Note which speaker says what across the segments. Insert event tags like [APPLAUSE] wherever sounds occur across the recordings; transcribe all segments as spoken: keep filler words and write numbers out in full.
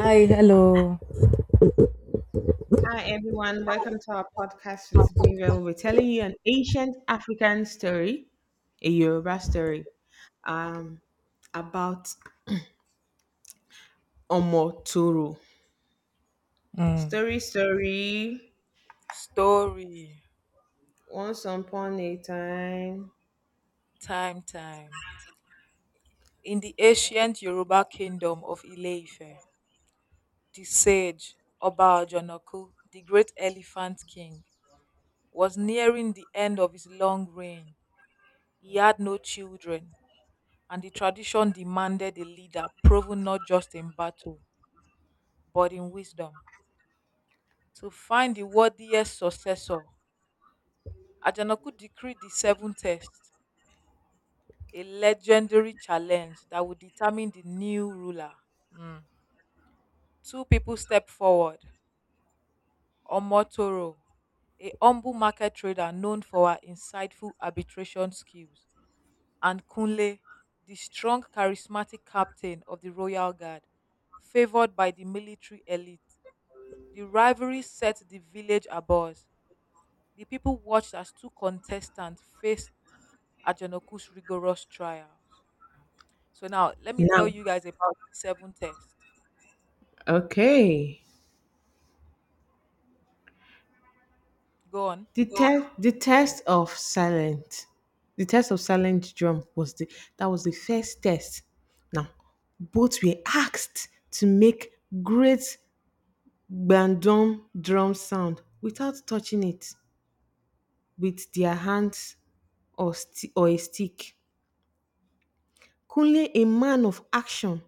Speaker 1: Hi, hello.
Speaker 2: Hi, everyone. Welcome to our podcast for today, where we'll be telling you an ancient African story, a Yoruba story, um, about Omoturu.
Speaker 1: Mm.
Speaker 2: Story, story.
Speaker 1: Story,
Speaker 2: Once upon a time.
Speaker 1: time, time. In the ancient Yoruba kingdom of Ile-Ife, the sage Oba Ojonoku, the great elephant king, was nearing the end of his long reign. He had no children, and the tradition demanded a leader proven not just in battle, but in wisdom. To find the worthiest successor, Ajanaku decreed the seven tests, a legendary challenge that would determine the new ruler. Mm. Two people stepped forward. Omotoro, a humble market trader known for her insightful arbitration skills, and Kunle, the strong, charismatic captain of the royal guard, favored by the military elite. The rivalry set the village abuzz. The people watched as two contestants faced Ajanoku's rigorous trials. So now let me
Speaker 2: Now,
Speaker 1: tell you guys about the seven test.
Speaker 2: okay.
Speaker 1: Go on.
Speaker 2: The test, the test of silent, the test of silent drum was the that was the first test. Now, both were asked to make great Bandung drum sound without touching it with their hands or sti- or a stick. Kunle, a man of action,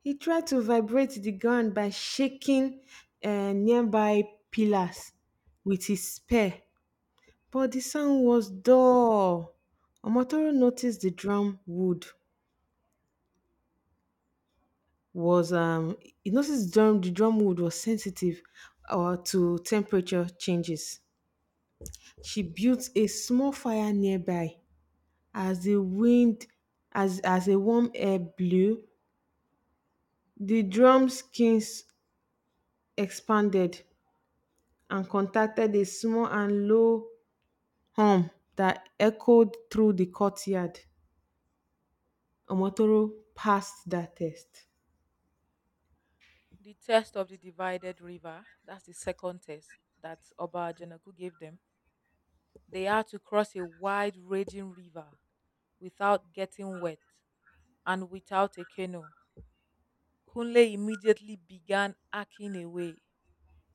Speaker 2: he tried to vibrate the ground by shaking uh, nearby pillars with his spear, but the sound was dull. Omotoro noticed the drum wood was um he noticed drum the drum wood was sensitive or to temperature changes. She built a small fire nearby as the wind as as a warm air blew the drum skins expanded and contacted a small and low hum that echoed through the courtyard. Omotoro passed that test.
Speaker 1: The test of the divided river, that's the second test that Oba Janaku gave them. They had to cross a wide raging river without getting wet and without a canoe. Kunle immediately began hacking away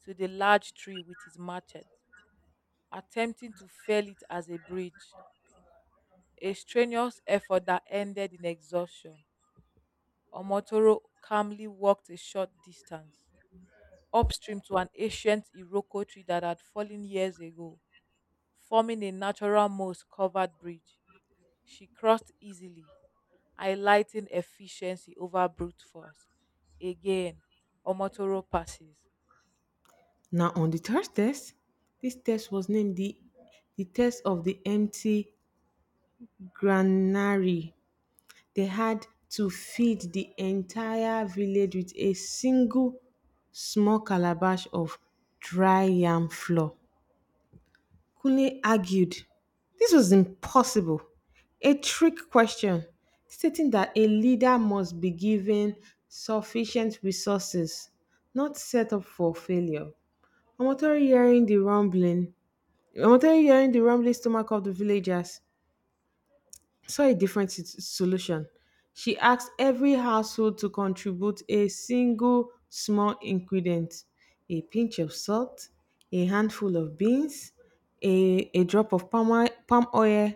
Speaker 1: to the large tree with his machete, attempting to fell it as a bridge, a strenuous effort that ended in exhaustion. Omotoro calmly walked a short distance upstream to an ancient Iroko tree that had fallen years ago, forming a natural moss covered bridge. She crossed easily, highlighting efficiency over brute force. Again, Omotoro passes.
Speaker 2: Now on the third test, this test was named the the test of the empty granary. They had to feed the entire village with a single small calabash of dry yam flour. Kunle argued this was impossible, a trick question, stating that a leader must be given sufficient resources, not set up for failure. Omotori hearing the rumbling, Omotori, hearing the rumbling stomach of the villagers, saw a different sit- solution. She asked every household to contribute a single small ingredient, a pinch of salt, a handful of beans, a, a drop of palm oil, palm oil,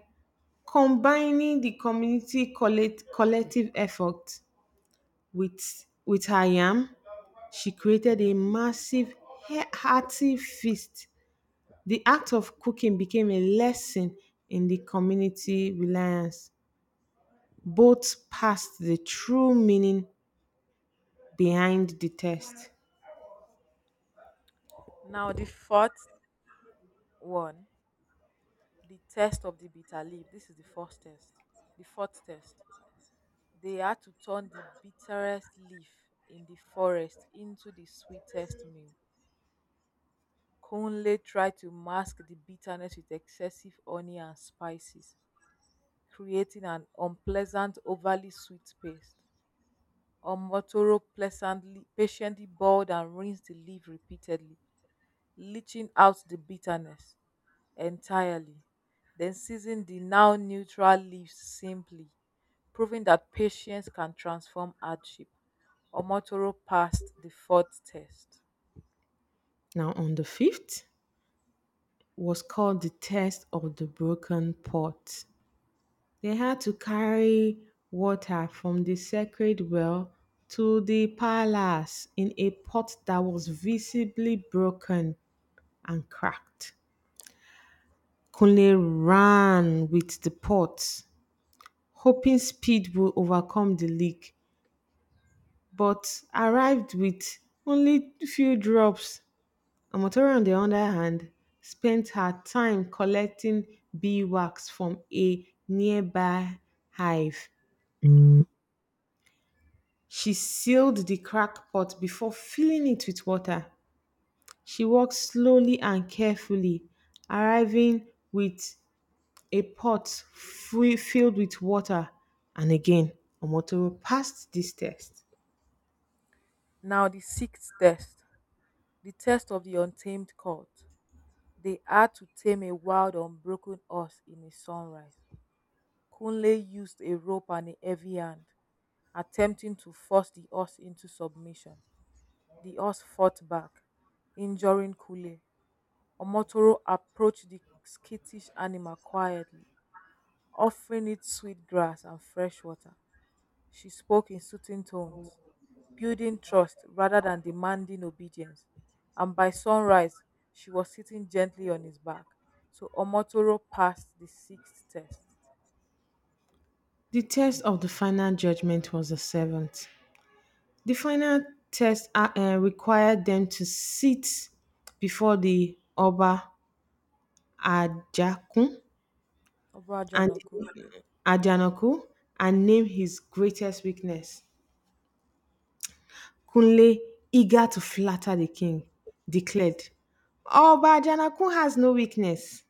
Speaker 2: combining the community collect, collective effort with, with her yam. She created a massive, he- hearty feast. The act of cooking became a lesson in the community reliance. Both passed the true meaning behind the test.
Speaker 1: Now, the fourth one, the test of the bitter leaf. This is the fourth test. The fourth test. They had to turn the bitterest leaf in the forest into the sweetest meal. Conley tried to mask the bitterness with excessive honey and spices, creating an unpleasant, overly sweet paste. Omotoro pleasantly, patiently boiled and rinsed the leaf repeatedly, leaching out the bitterness entirely. Then season the now neutral leaves simply, proving that patience can transform hardship. Omotoro passed the fourth test.
Speaker 2: Now, on the fifth, was called the test of the broken pot. They had to carry water from the sacred well to the palace in a pot that was visibly broken and cracked. Kunle ran with the pot, hoping speed would overcome the leak, but arrived with only few drops. Amatora, on the other hand, spent her time collecting beeswax from a nearby hive. She sealed the crack pot before filling it with water. She walked slowly and carefully, arriving with a pot free, filled with water. And again, Omotoro passed this test.
Speaker 1: Now, the sixth test, the test of the untamed colt. They had to tame a wild, unbroken horse in a sunrise. Kunle used a rope and a heavy hand, attempting to force the horse into submission. The horse fought back, injuring Kunle. Omotoro approached the skittish animal quietly, offering it sweet grass and fresh water. She spoke in soothing tones, building trust rather than demanding obedience. And by sunrise, she was sitting gently on his back. So Omotoro passed the sixth test.
Speaker 2: The test of the final judgment was the seventh. The final test uh, uh, required them to sit before the Ọba Ajakun and
Speaker 1: Obajanoku
Speaker 2: Ajanaku and name his greatest weakness. Kunle, eager to flatter the king, declared, Ọba Ajanakun has no weakness.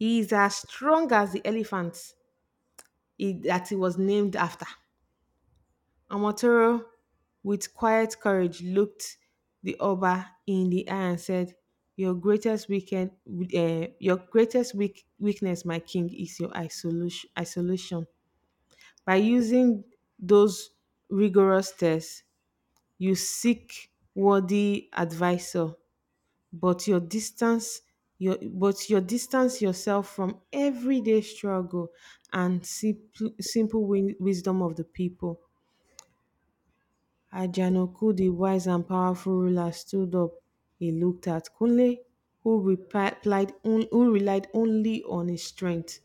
Speaker 2: He is as strong as the elephant he, that he was named after. Amatoro, with quiet courage, looked the Oba in the eye and said, "Your greatest weekend, uh, your greatest weak, weakness, my king, is your isolation. Isolation. By using those rigorous tests, you seek worthy advisor, but your distance, your but your distance yourself from everyday struggle and simple, simple win- wisdom of the people." Ajanoku, the wise and powerful ruler, stood up. He looked at Kunle, who replied on- who relied only on his strength,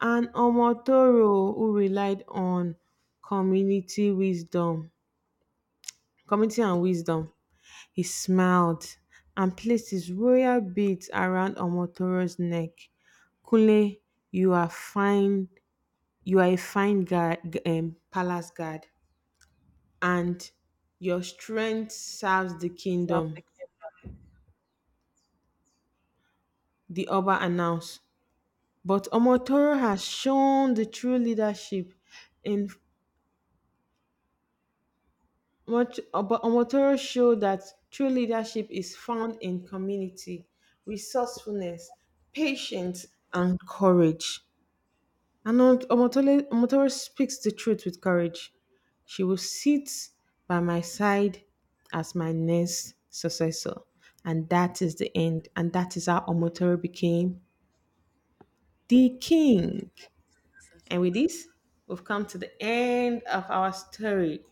Speaker 2: and Omotoro, who relied on community wisdom, community and wisdom. He smiled and placed his royal beads around Omotoro's neck. Kunle, you are fine. You are a fine guard, um, palace guard, and your strength serves the
Speaker 1: served the
Speaker 2: kingdom,
Speaker 1: king.
Speaker 2: the Oba announced. But Omotoro has shown the true leadership in much but Omotoro showed that true leadership is found in community, resourcefulness, patience, and courage. And Omotoro, Omotoro speaks the truth with courage. She will sit by my side as my next successor. And that is the end. And that is how Omotoro became the king. And with this, we've come to the end of our story.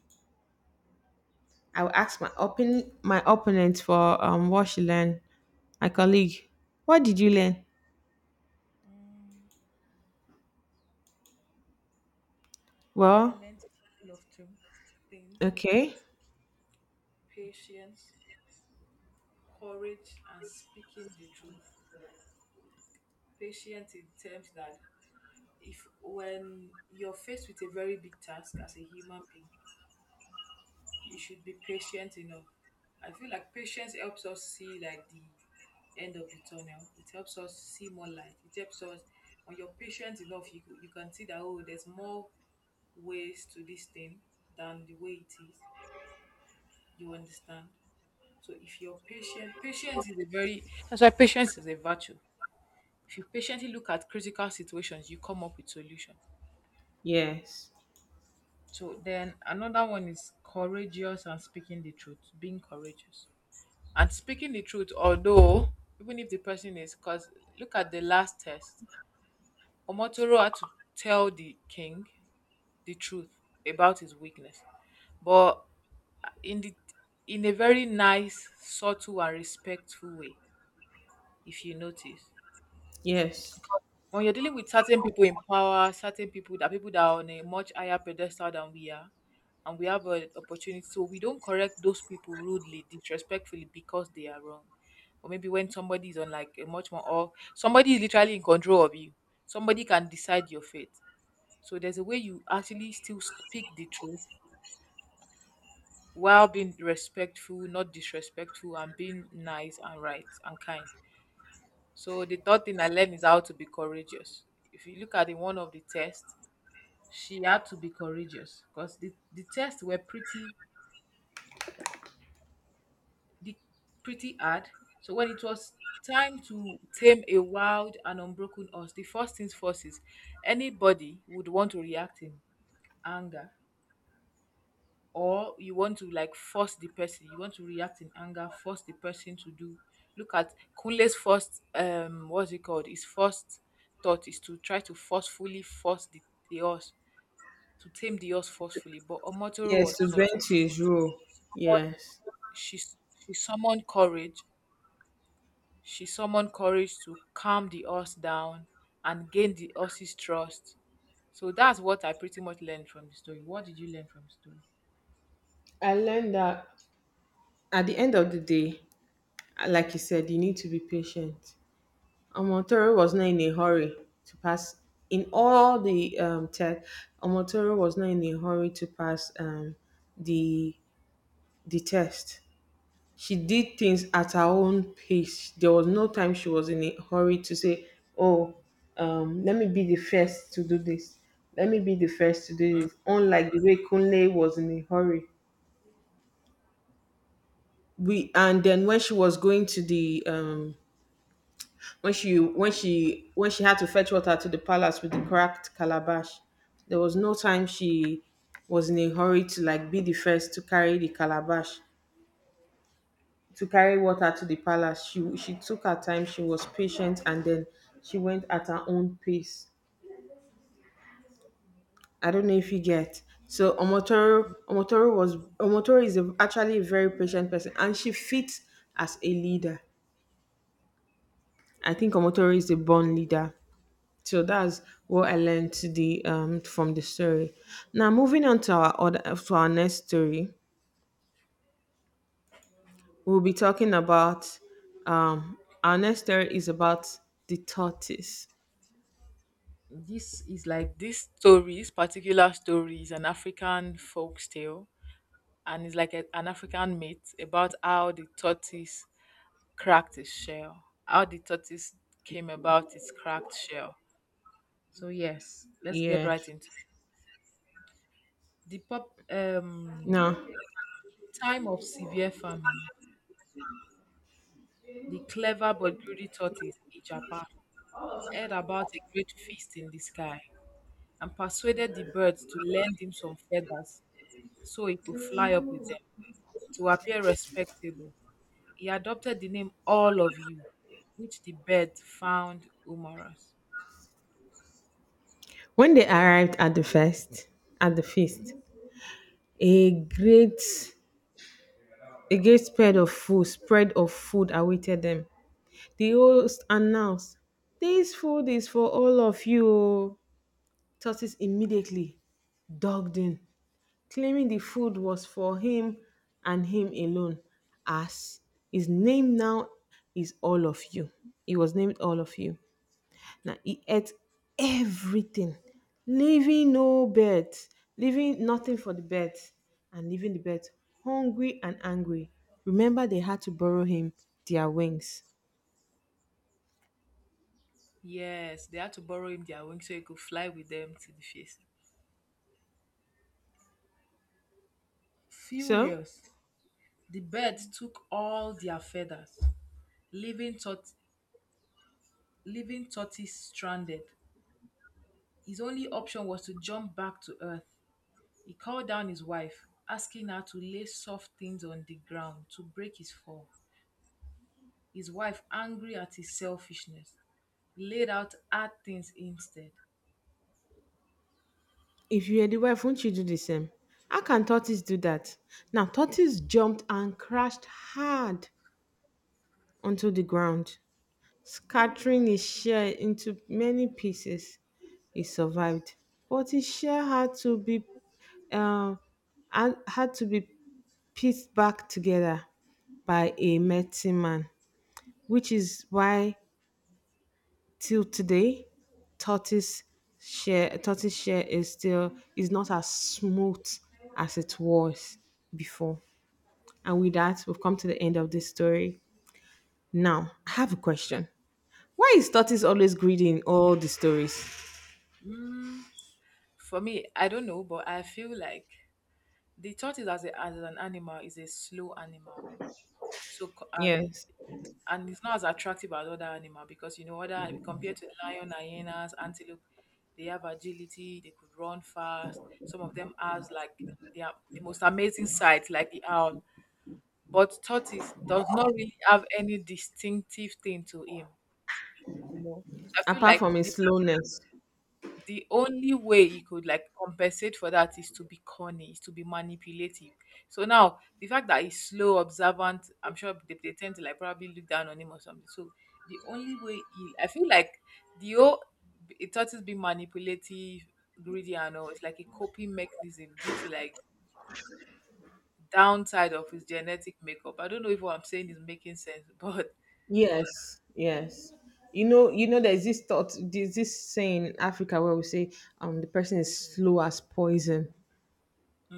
Speaker 2: I will ask my open my opponent for um what she learned. My colleague, what did you learn?
Speaker 1: Mm, I
Speaker 2: Well,
Speaker 1: learned a lot of two things:
Speaker 2: okay.
Speaker 1: patience, courage, and speaking the truth. Patience in terms that, if when you're faced with a very big task as a human being, you should be patient enough. I feel like patience helps us see like the end of the tunnel. It helps us see more light. It helps us, when you're patient enough, you you can see that, oh, there's more ways to this thing than the way it is. You understand? So if you're patient, patience is a very, that's why patience is a virtue. If you patiently look at critical situations, you come up with solution.
Speaker 2: Yes.
Speaker 1: So then another one is courageous and speaking the truth, being courageous, and speaking the truth, although even if the person is, because look at the last test, Omotoro had to tell the king the truth about his weakness, but in the, in a very nice, subtle and respectful way, if you notice.
Speaker 2: Yes.
Speaker 1: When you're dealing with certain people in power, certain people that people that are on a much higher pedestal than we are, and we have an opportunity, so we don't correct those people rudely, disrespectfully because they are wrong. Or maybe when somebody is on like a much more, or somebody is literally in control of you, somebody can decide your fate. So there's a way you actually still speak the truth while being respectful, not disrespectful, and being nice and right and kind. So the third thing I learned is how to be courageous. If you look at the one of the tests, she had to be courageous because the, the tests were pretty, the, pretty hard. So when it was time to tame a wild and unbroken horse, the first things first is anybody would want to react in anger, or you want to like force the person, you want to react in anger, force the person to do. Look at Kunle's first um what's it called? His first thought is to try to forcefully force the, the horse to tame the horse forcefully, but Omotoro was
Speaker 2: Yes, to bend
Speaker 1: subtle.
Speaker 2: to his rule. Yes.
Speaker 1: She s- she summoned courage. She summoned courage to calm the horse down and gain the horse's trust. So that's what I pretty much learned from the story. What did you learn from the story?
Speaker 2: I learned that at the end of the day, like you said, you need to be patient. Omotoro was not in a hurry to pass in all the um, test. Omotoro was not in a hurry to pass um, the the test. She did things at her own pace. There was no time she was in a hurry to say, "Oh, um, let me be the first to do this. Let me be the first to do
Speaker 1: Mm.
Speaker 2: this." Unlike the way Kunle was in a hurry. We, and then when she was going to the um, when she when she when she had to fetch water to the palace with the cracked calabash, there was no time she was in a hurry to like be the first to carry the calabash to carry water to the palace. She she took her time, she was patient, and then she went at her own pace. I don't know if you get. So Omotoro Omotoro was Omotoro is a, actually a very patient person, and she fits as a leader. I think Omotoro is a born leader. So that's what I learned the um from the story. Now moving on to our other to our next story, we'll be talking about um our next story is about the tortoise.
Speaker 1: This is like this story, this particular story is an African folk tale, and it's like a, an African myth about how the tortoise cracked its shell, how the tortoise came about its cracked shell. So yes, let's get
Speaker 2: Yeah.
Speaker 1: right into it. The pop um
Speaker 2: Now
Speaker 1: time of severe famine, the clever but greedy tortoise, Ijapa, heard about a great feast in the sky and persuaded the birds to lend him some feathers so he could fly up with them to appear respectable. He adopted the name All of You, which the birds found humorous.
Speaker 2: when they arrived at the feast at the feast, a great a great spread of food spread of food awaited them. The host announced, this food is for all of you. Tortoise immediately dogged in, claiming the food was for him and him alone, as his name now is all of you. He was named all of you. Now he ate everything, leaving no birds, leaving nothing for the birds, and leaving the birds hungry and angry. Remember, they had to borrow him their wings.
Speaker 1: Yes, they had to borrow him their wings so he could fly with them to the feast.
Speaker 2: So,
Speaker 1: Furious, the birds took all their feathers, leaving, tort- leaving Tortoise stranded. His only option was to jump back to Earth. He called down his wife, asking her to lay soft things on the ground to break his fall. His wife, angry at his selfishness, laid out hard things instead.
Speaker 2: if you are the wife, won't you do the same? How can tortoise do that? Now, tortoise jumped and crashed hard onto the ground. Scattering his share into many pieces, he survived, but his share had to be uh, had had to be pieced back together by a medicine man, which is why till today, tortoise share tortoise share is still is not as smooth as it was before. And with that, we've come to the end of this story. Now, I have a question. Why is tortoise always greedy in all the stories?
Speaker 1: Mm, for me, I don't know, but I feel like the tortoise as, a, as an animal is a slow animal. So, co- and
Speaker 2: Yes,
Speaker 1: and it's not as attractive as other animal, because you know, other compared to lion, hyenas, antelope, they have agility, they could run fast, some of them has like, they are the most amazing sight like the owl, but tortoise does not really have any distinctive thing to him, you know, so I feel
Speaker 2: apart
Speaker 1: like
Speaker 2: from his slowness.
Speaker 1: the only way you could like compensate for that is to be corny, is to be manipulative. So now the fact that he's slow, observant, I'm sure they, they tend to like probably look down on him or something. So the only way he, I feel like the whole it thought is being manipulative, greedy and all, it's like a coping mechanism due to like downside of his genetic makeup. I don't know if what I'm saying is making sense, [LAUGHS] but
Speaker 2: Yes, yes. You know, you know, there's this thought, there's this saying in Africa where we say, um, the person is slow as poison.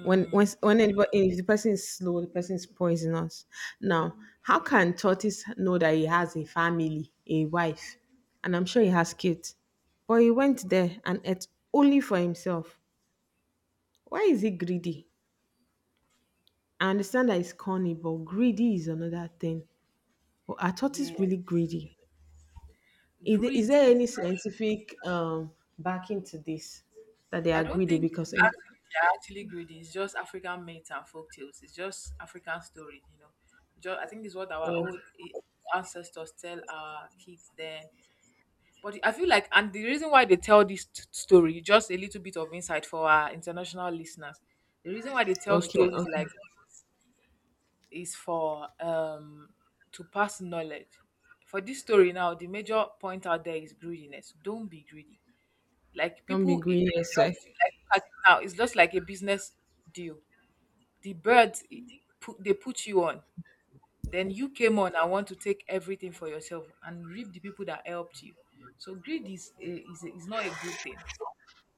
Speaker 2: When when when anybody, if the person is slow, the person is poisonous. Now, how can tortoise know that he has a family, a wife, and I'm sure he has kids, but he went there and ate only for himself. Why is he greedy? I understand that he's corny, but greedy is another thing. But are tortoise
Speaker 1: yeah.
Speaker 2: really greedy? Is, there- is
Speaker 1: Greed,
Speaker 2: there any scientific um, backing to this that they
Speaker 1: I
Speaker 2: are
Speaker 1: don't
Speaker 2: greedy
Speaker 1: think it's
Speaker 2: because
Speaker 1: actually they're actually greedy. It's just African myths and folk tales. It's just African stories, you know. Just, I think it's what our
Speaker 2: oh,
Speaker 1: old eh, ancestors tell our kids then. But I feel like, and the reason why they tell this t- story, just a little bit of insight for our international listeners. The reason why they tell
Speaker 2: okay,
Speaker 1: stories
Speaker 2: okay.
Speaker 1: like is for um to pass knowledge. For this story now, the major point out there is greediness. Don't be greedy like
Speaker 2: Don't be
Speaker 1: people it
Speaker 2: greedy, yes sir.
Speaker 1: helped you, like, look at it now. It's just like a business deal. The birds it put they put you on. Then you came on and want to take everything for yourself and reap the people that helped you. So greed is a, is, a, is not a good thing.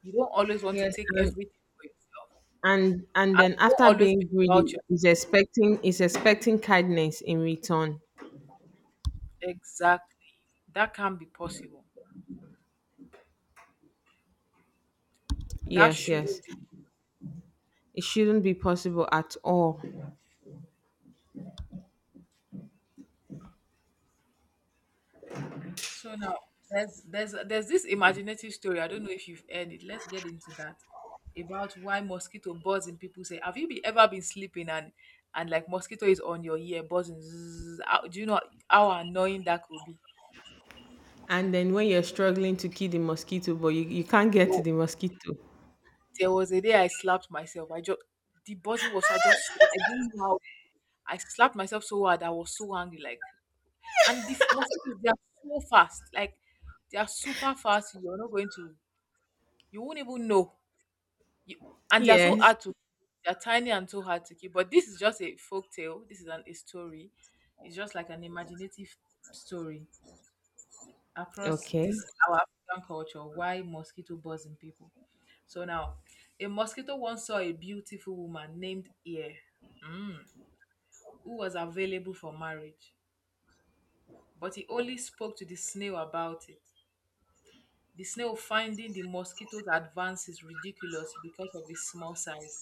Speaker 1: You don't always want to
Speaker 2: Yes,
Speaker 1: take
Speaker 2: and,
Speaker 1: everything for yourself.
Speaker 2: and and
Speaker 1: And
Speaker 2: then
Speaker 1: don't
Speaker 2: after
Speaker 1: always be
Speaker 2: being greedy
Speaker 1: about your,
Speaker 2: is expecting is expecting kindness in return.
Speaker 1: exactly. That can't be possible. That
Speaker 2: Yes,
Speaker 1: shouldn't
Speaker 2: yes,
Speaker 1: be.
Speaker 2: it shouldn't be possible at all.
Speaker 1: So now there's there's there's this imaginative story. I don't know if you've heard it. Let's get into that about why mosquito buzz in people's ear. Have you be, ever been sleeping and and like mosquito is on your ear buzzing? Zzz, how do you know how annoying that could be?
Speaker 2: And then when you're struggling to kill the mosquito, but you, you can't
Speaker 1: There,
Speaker 2: get to
Speaker 1: wa-
Speaker 2: the mosquito.
Speaker 1: there was a day I slapped myself. I just, the buzzing was so, I just I didn't know how, I slapped myself so hard. I was so angry. Like, and the f- mosquitoes, they are so fast. Like, they are super fast. You're not going to, you won't even know. You, and they are so
Speaker 2: Yes.
Speaker 1: hard to, they're tiny and so hard to keep. But this is just a folk tale. This is an a story. It's just like an imaginative story across
Speaker 2: Okay,
Speaker 1: this our African culture. Why mosquito buzzing people? So now, a mosquito once saw a beautiful woman named Ear, mm, who was available for marriage, but he only spoke to the snail about it. The snail, finding the mosquito's advances ridiculous because of his small size,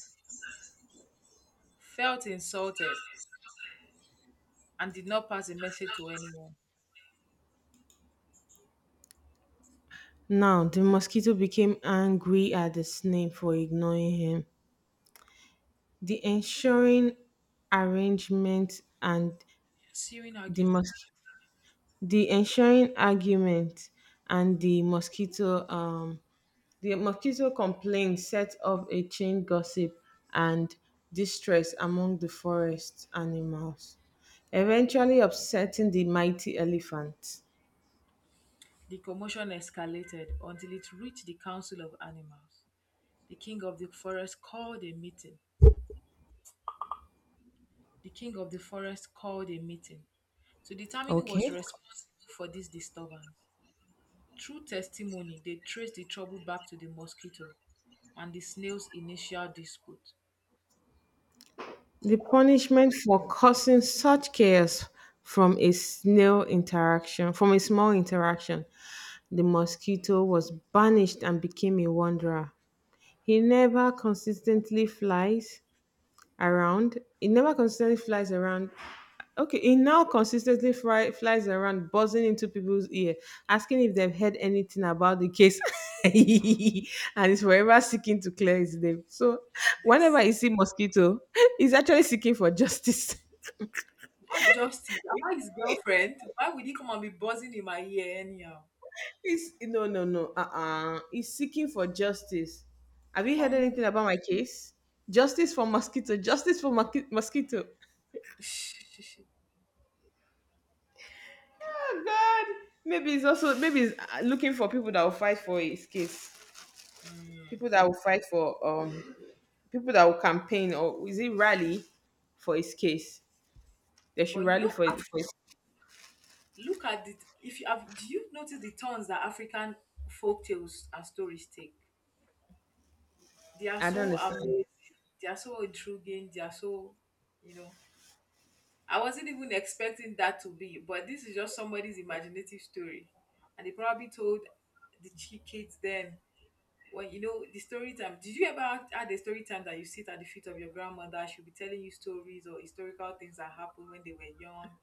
Speaker 1: felt insulted and did not pass a message to anyone.
Speaker 2: now the mosquito became angry at the snake for ignoring him. The ensuring arrangement and
Speaker 1: Ensuing
Speaker 2: the
Speaker 1: argument,
Speaker 2: mos- the ensuring argument and the mosquito um the mosquito complaint set up a chain gossip and distress among the forest animals, eventually upsetting the mighty elephant.
Speaker 1: the commotion escalated until it reached the Council of Animals. The king of the forest called a meeting. The king of the forest called a meeting to determine who was
Speaker 2: Okay.
Speaker 1: responsible for this disturbance. Through testimony, they traced the trouble back to the mosquito and the snail's initial dispute.
Speaker 2: The punishment for causing such chaos from a snail interaction, from a small interaction, the mosquito was banished and became a wanderer. He never consistently flies around. He never consistently flies around. Okay, he now consistently fly, flies around, buzzing into people's ear, asking if they've heard anything about the case, [LAUGHS] and is forever seeking to clear his name. So, whenever
Speaker 1: This,
Speaker 2: you see mosquito, [LAUGHS] he's actually seeking for justice. [LAUGHS]
Speaker 1: what justice? Am I his girlfriend? Why would he come and be buzzing in my ear anyhow?
Speaker 2: He's no, no, no. Uh-uh. He's seeking for justice. Have you heard
Speaker 1: From who?
Speaker 2: anything about my case? Justice for mosquito. Justice for monkey- mosquito.
Speaker 1: [LAUGHS]
Speaker 2: Oh God. Maybe he's also maybe he's uh, looking for people that will fight for his case. People that will fight for um people that will campaign, or is it rally for his case? They should
Speaker 1: But you
Speaker 2: rally
Speaker 1: know,
Speaker 2: for his, for
Speaker 1: look at it. If you have, do you notice the turns that African folk tales and stories take? They are
Speaker 2: I don't
Speaker 1: so
Speaker 2: understand.
Speaker 1: amazing. They are so intriguing. They are so, you know. I wasn't even expecting that to be, but this is just somebody's imaginative story, and they probably told the chi- kids then. When you know the story time, did you ever had had a story time that you sit at the feet of your grandmother? She'll be telling you stories or historical things that happened when they were young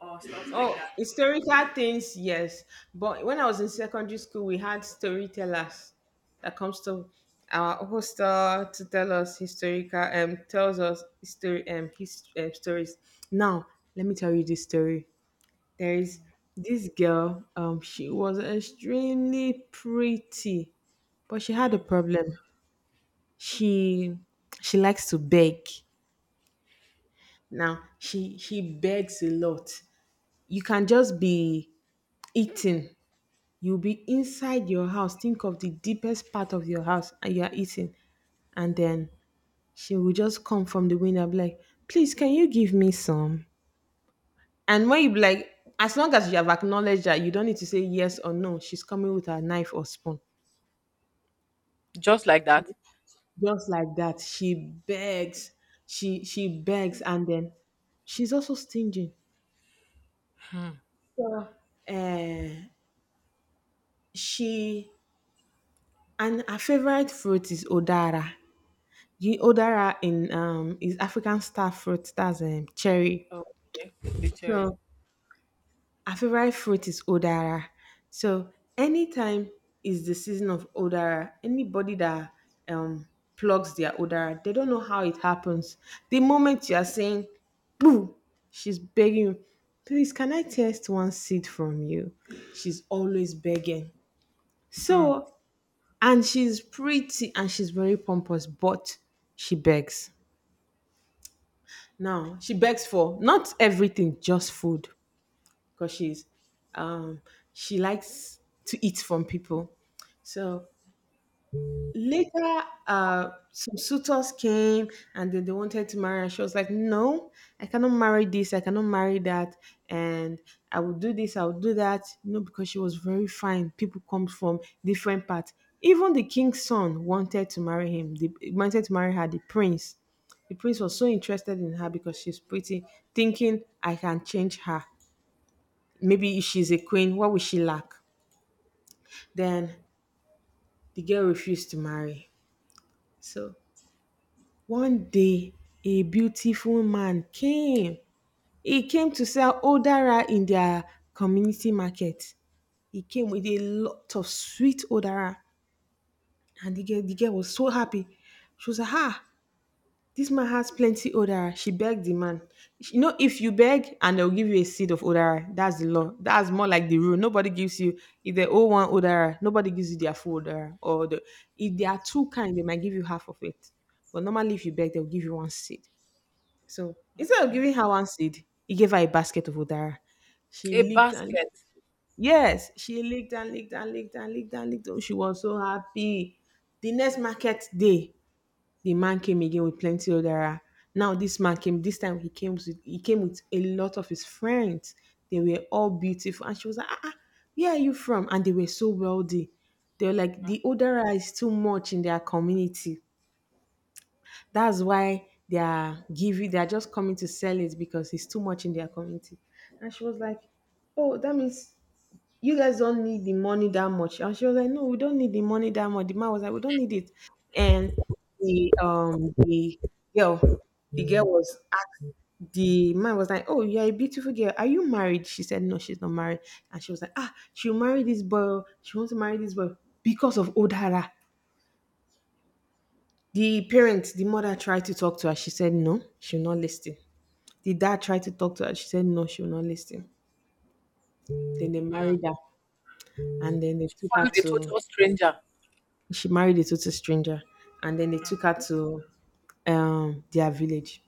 Speaker 1: or stuff like
Speaker 2: Oh,
Speaker 1: that.
Speaker 2: historical things, yes. But when I was in secondary school, we had storytellers that comes to our hostel to tell us historical um tells us history um, his, um stories. Now, let me tell you this story. There is this girl. Um, she was extremely pretty, but she had a problem. She she likes to beg. Now she she begs a lot. You can just be eating, you'll be inside your house. Think of the deepest part of your house and you are eating. And then she will just come from the window and be like, please, can you give me some? And when you be like, as long as you have acknowledged that, you don't need to say yes or no. She's coming with her knife or spoon.
Speaker 1: Just like
Speaker 2: So
Speaker 1: that.
Speaker 2: just like that, she begs, she she begs, and then she's also stingy. So uh, she and her favorite fruit is odara. The odara in um is African star fruit, that's um cherry.
Speaker 1: Oh, okay. Literally.
Speaker 2: So our favorite fruit is odara. So anytime is the season of odara, anybody that um plugs their odara, they don't know how it happens. The moment you are saying, boo, she's begging you, please can I taste one seed from you? She's always begging.
Speaker 1: Hmm,
Speaker 2: So and she's pretty and she's very pompous, but she begs. Now she begs for not everything, just food, because she's um she likes to eat from people. So later uh some suitors came and then they wanted to marry and she was like, no, I cannot marry this, I cannot marry that, and I will do this, I will do that, you know because she was very fine. People come from different parts. Even the king's son wanted to marry him, they wanted to marry her, the prince. The prince was so interested in her because she's pretty, thinking I can change her. Maybe if she's a queen, what will she lack? Then the girl refused to marry. So one day, a beautiful man came. He came to sell odara in their community market. He came with a lot of sweet odara, and the girl, the girl was so happy. She was like, "Ah, this man has plenty odara." She begged the man. You know, if you beg and they'll give you a seed of odara, that's the law. That's more like the rule. Nobody gives you if they owe one odara. Nobody gives you their full odara, or the, if they are too kind, they might give you half of it. But normally, if you beg, they'll give you one seed. So instead of
Speaker 1: okay.
Speaker 2: giving her one seed, he gave her a basket of udara. She
Speaker 1: A
Speaker 2: licked and
Speaker 1: basket.
Speaker 2: yes, she licked and licked and licked and licked and licked. Oh, she was so happy. The next market day, the man came again with plenty udara. Now this man came. This time he came with he came with a lot of his friends. They were all beautiful, and she was like, ah, ah, where are you from? And they were so wealthy. They were like the udara is too much in their community, that's why they are giving, they are just coming to sell it because it's too much in their community. And she was like, oh, that means you guys don't need the money that much. And she was like, no, we don't need the money that much. The man was like, we don't need it. And the um the girl, the girl was asked. The man was like, oh, you're a beautiful girl. Are you married? She said, no, she's not married. And she was like, ah, she'll marry this boy. She wants to marry this boy because of Odara. The parent, the mother tried to talk to her. She said no, she will not listen. The dad tried to talk to her. She said no, she will not listen. Then they married her, and then they
Speaker 1: She
Speaker 2: took her
Speaker 1: found a
Speaker 2: to.
Speaker 1: total stranger.
Speaker 2: She married a total stranger, and then they took her to um their village.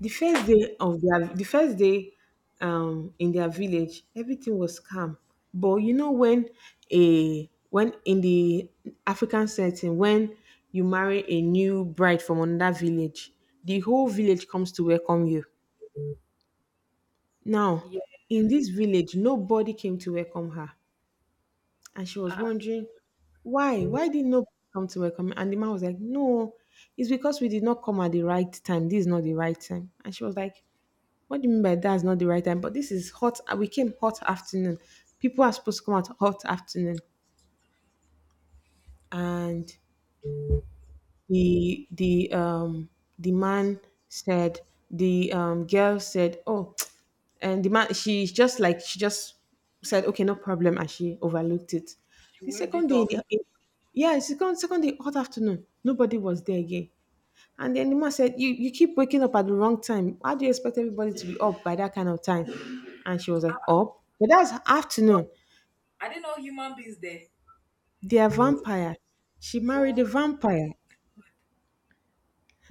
Speaker 2: The first day of their the first day um in their village, everything was calm. But you know when a when in the African setting, when you marry a new bride from another village, the whole village comes to welcome you. Now,
Speaker 1: Yes.
Speaker 2: in this village, nobody came to welcome her. And she was
Speaker 1: Ah, ah,
Speaker 2: wondering, why? Why did nobody come to welcome me? And the man was like, no, it's because we did not come at the right time. This is not the right time. And she was like, what do you mean by that's not the right time? But this is hot. uh, We came hot afternoon. People are supposed to come out hot afternoon. And the the um the man said the um girl said oh [TSK] and the man, she's just like she just said okay no problem and she overlooked it.
Speaker 1: she
Speaker 2: The
Speaker 1: waved
Speaker 2: second
Speaker 1: it
Speaker 2: day in
Speaker 1: off.
Speaker 2: the- in- yeah, second second day hot afternoon nobody was there again. And then the man said, you, you keep waking up at the wrong time. How do you expect everybody to be up by that kind of time? And she was like, up? But that's
Speaker 1: So,
Speaker 2: afternoon.
Speaker 1: I didn't know human beings there.
Speaker 2: They are vampires. She married a
Speaker 1: Oh,
Speaker 2: vampire.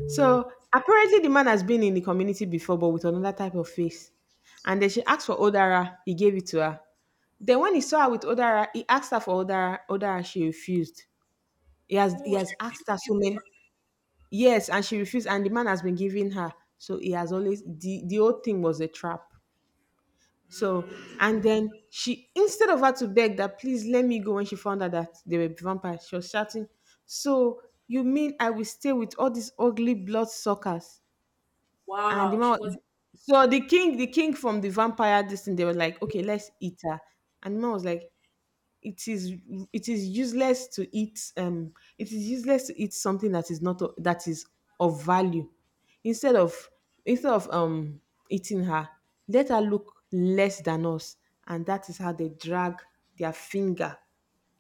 Speaker 2: So apparently the man has been in the community before, but with another type of face. And then she asked for Odara. He gave it to her. Then when he saw her with Odara, he asked her for Odara. Odara, she refused. He has he
Speaker 1: oh, she
Speaker 2: has asked
Speaker 1: refused to
Speaker 2: her
Speaker 1: give
Speaker 2: so
Speaker 1: the
Speaker 2: many,
Speaker 1: man.
Speaker 2: yes, and she refused. And the man has been giving her. So he has always, the the whole thing was a trap. So, and then she, instead of her to beg that, please let me go, when she found out that they were vampires, she was shouting, so, you mean I will stay with all these ugly blood suckers? And the
Speaker 1: Wow,
Speaker 2: man,
Speaker 1: she was
Speaker 2: was-
Speaker 1: not.
Speaker 2: so the king, the king from the vampire, this thing, they were like, okay, let's eat her. And the man was like, it is, it is useless to eat, um it is useless to eat something that is not o- that is of value, instead of instead of um eating her, let her look less than us. And that is how they drag their finger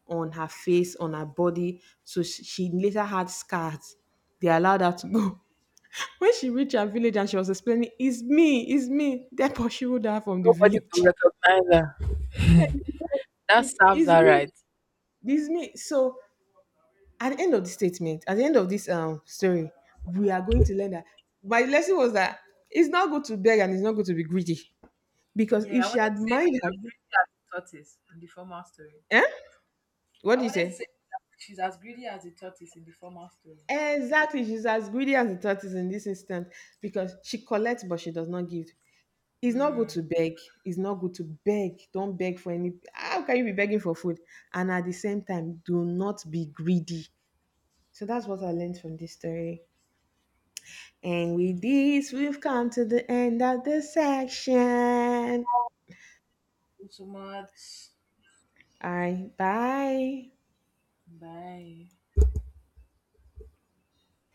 Speaker 2: on her face, on her body, so she, she later had scars. They allowed her to go. [LAUGHS] When she reached her village and she was explaining, it's me, it's me, they pursued her from the
Speaker 1: Nobody could
Speaker 2: village. [LAUGHS]
Speaker 1: recognize her. That serves
Speaker 2: It's
Speaker 1: her right.
Speaker 2: me. It's me. So at the end of the statement, at the end of this um story, we are going to learn that my lesson was that it's not good to beg and it's not good to be greedy. Because
Speaker 1: Yeah, I
Speaker 2: if she
Speaker 1: wanted to
Speaker 2: had
Speaker 1: say she's
Speaker 2: mind her,
Speaker 1: as greedy as a tortoise in the former story.
Speaker 2: eh? What
Speaker 1: I
Speaker 2: do you
Speaker 1: wanted to
Speaker 2: say?
Speaker 1: say that she's as greedy as a tortoise in the former story.
Speaker 2: Exactly, she's as greedy as the tortoise in this instance because she collects but she does not give. It's not good
Speaker 1: Hmm.
Speaker 2: to beg. It's not good to beg. Don't beg for any. How can you be begging for food? And at the same time, do not be greedy. So that's what I learned from this story. And with this, we've come to the end of the section.
Speaker 1: Thank you so much.
Speaker 2: All right, bye.
Speaker 1: Bye.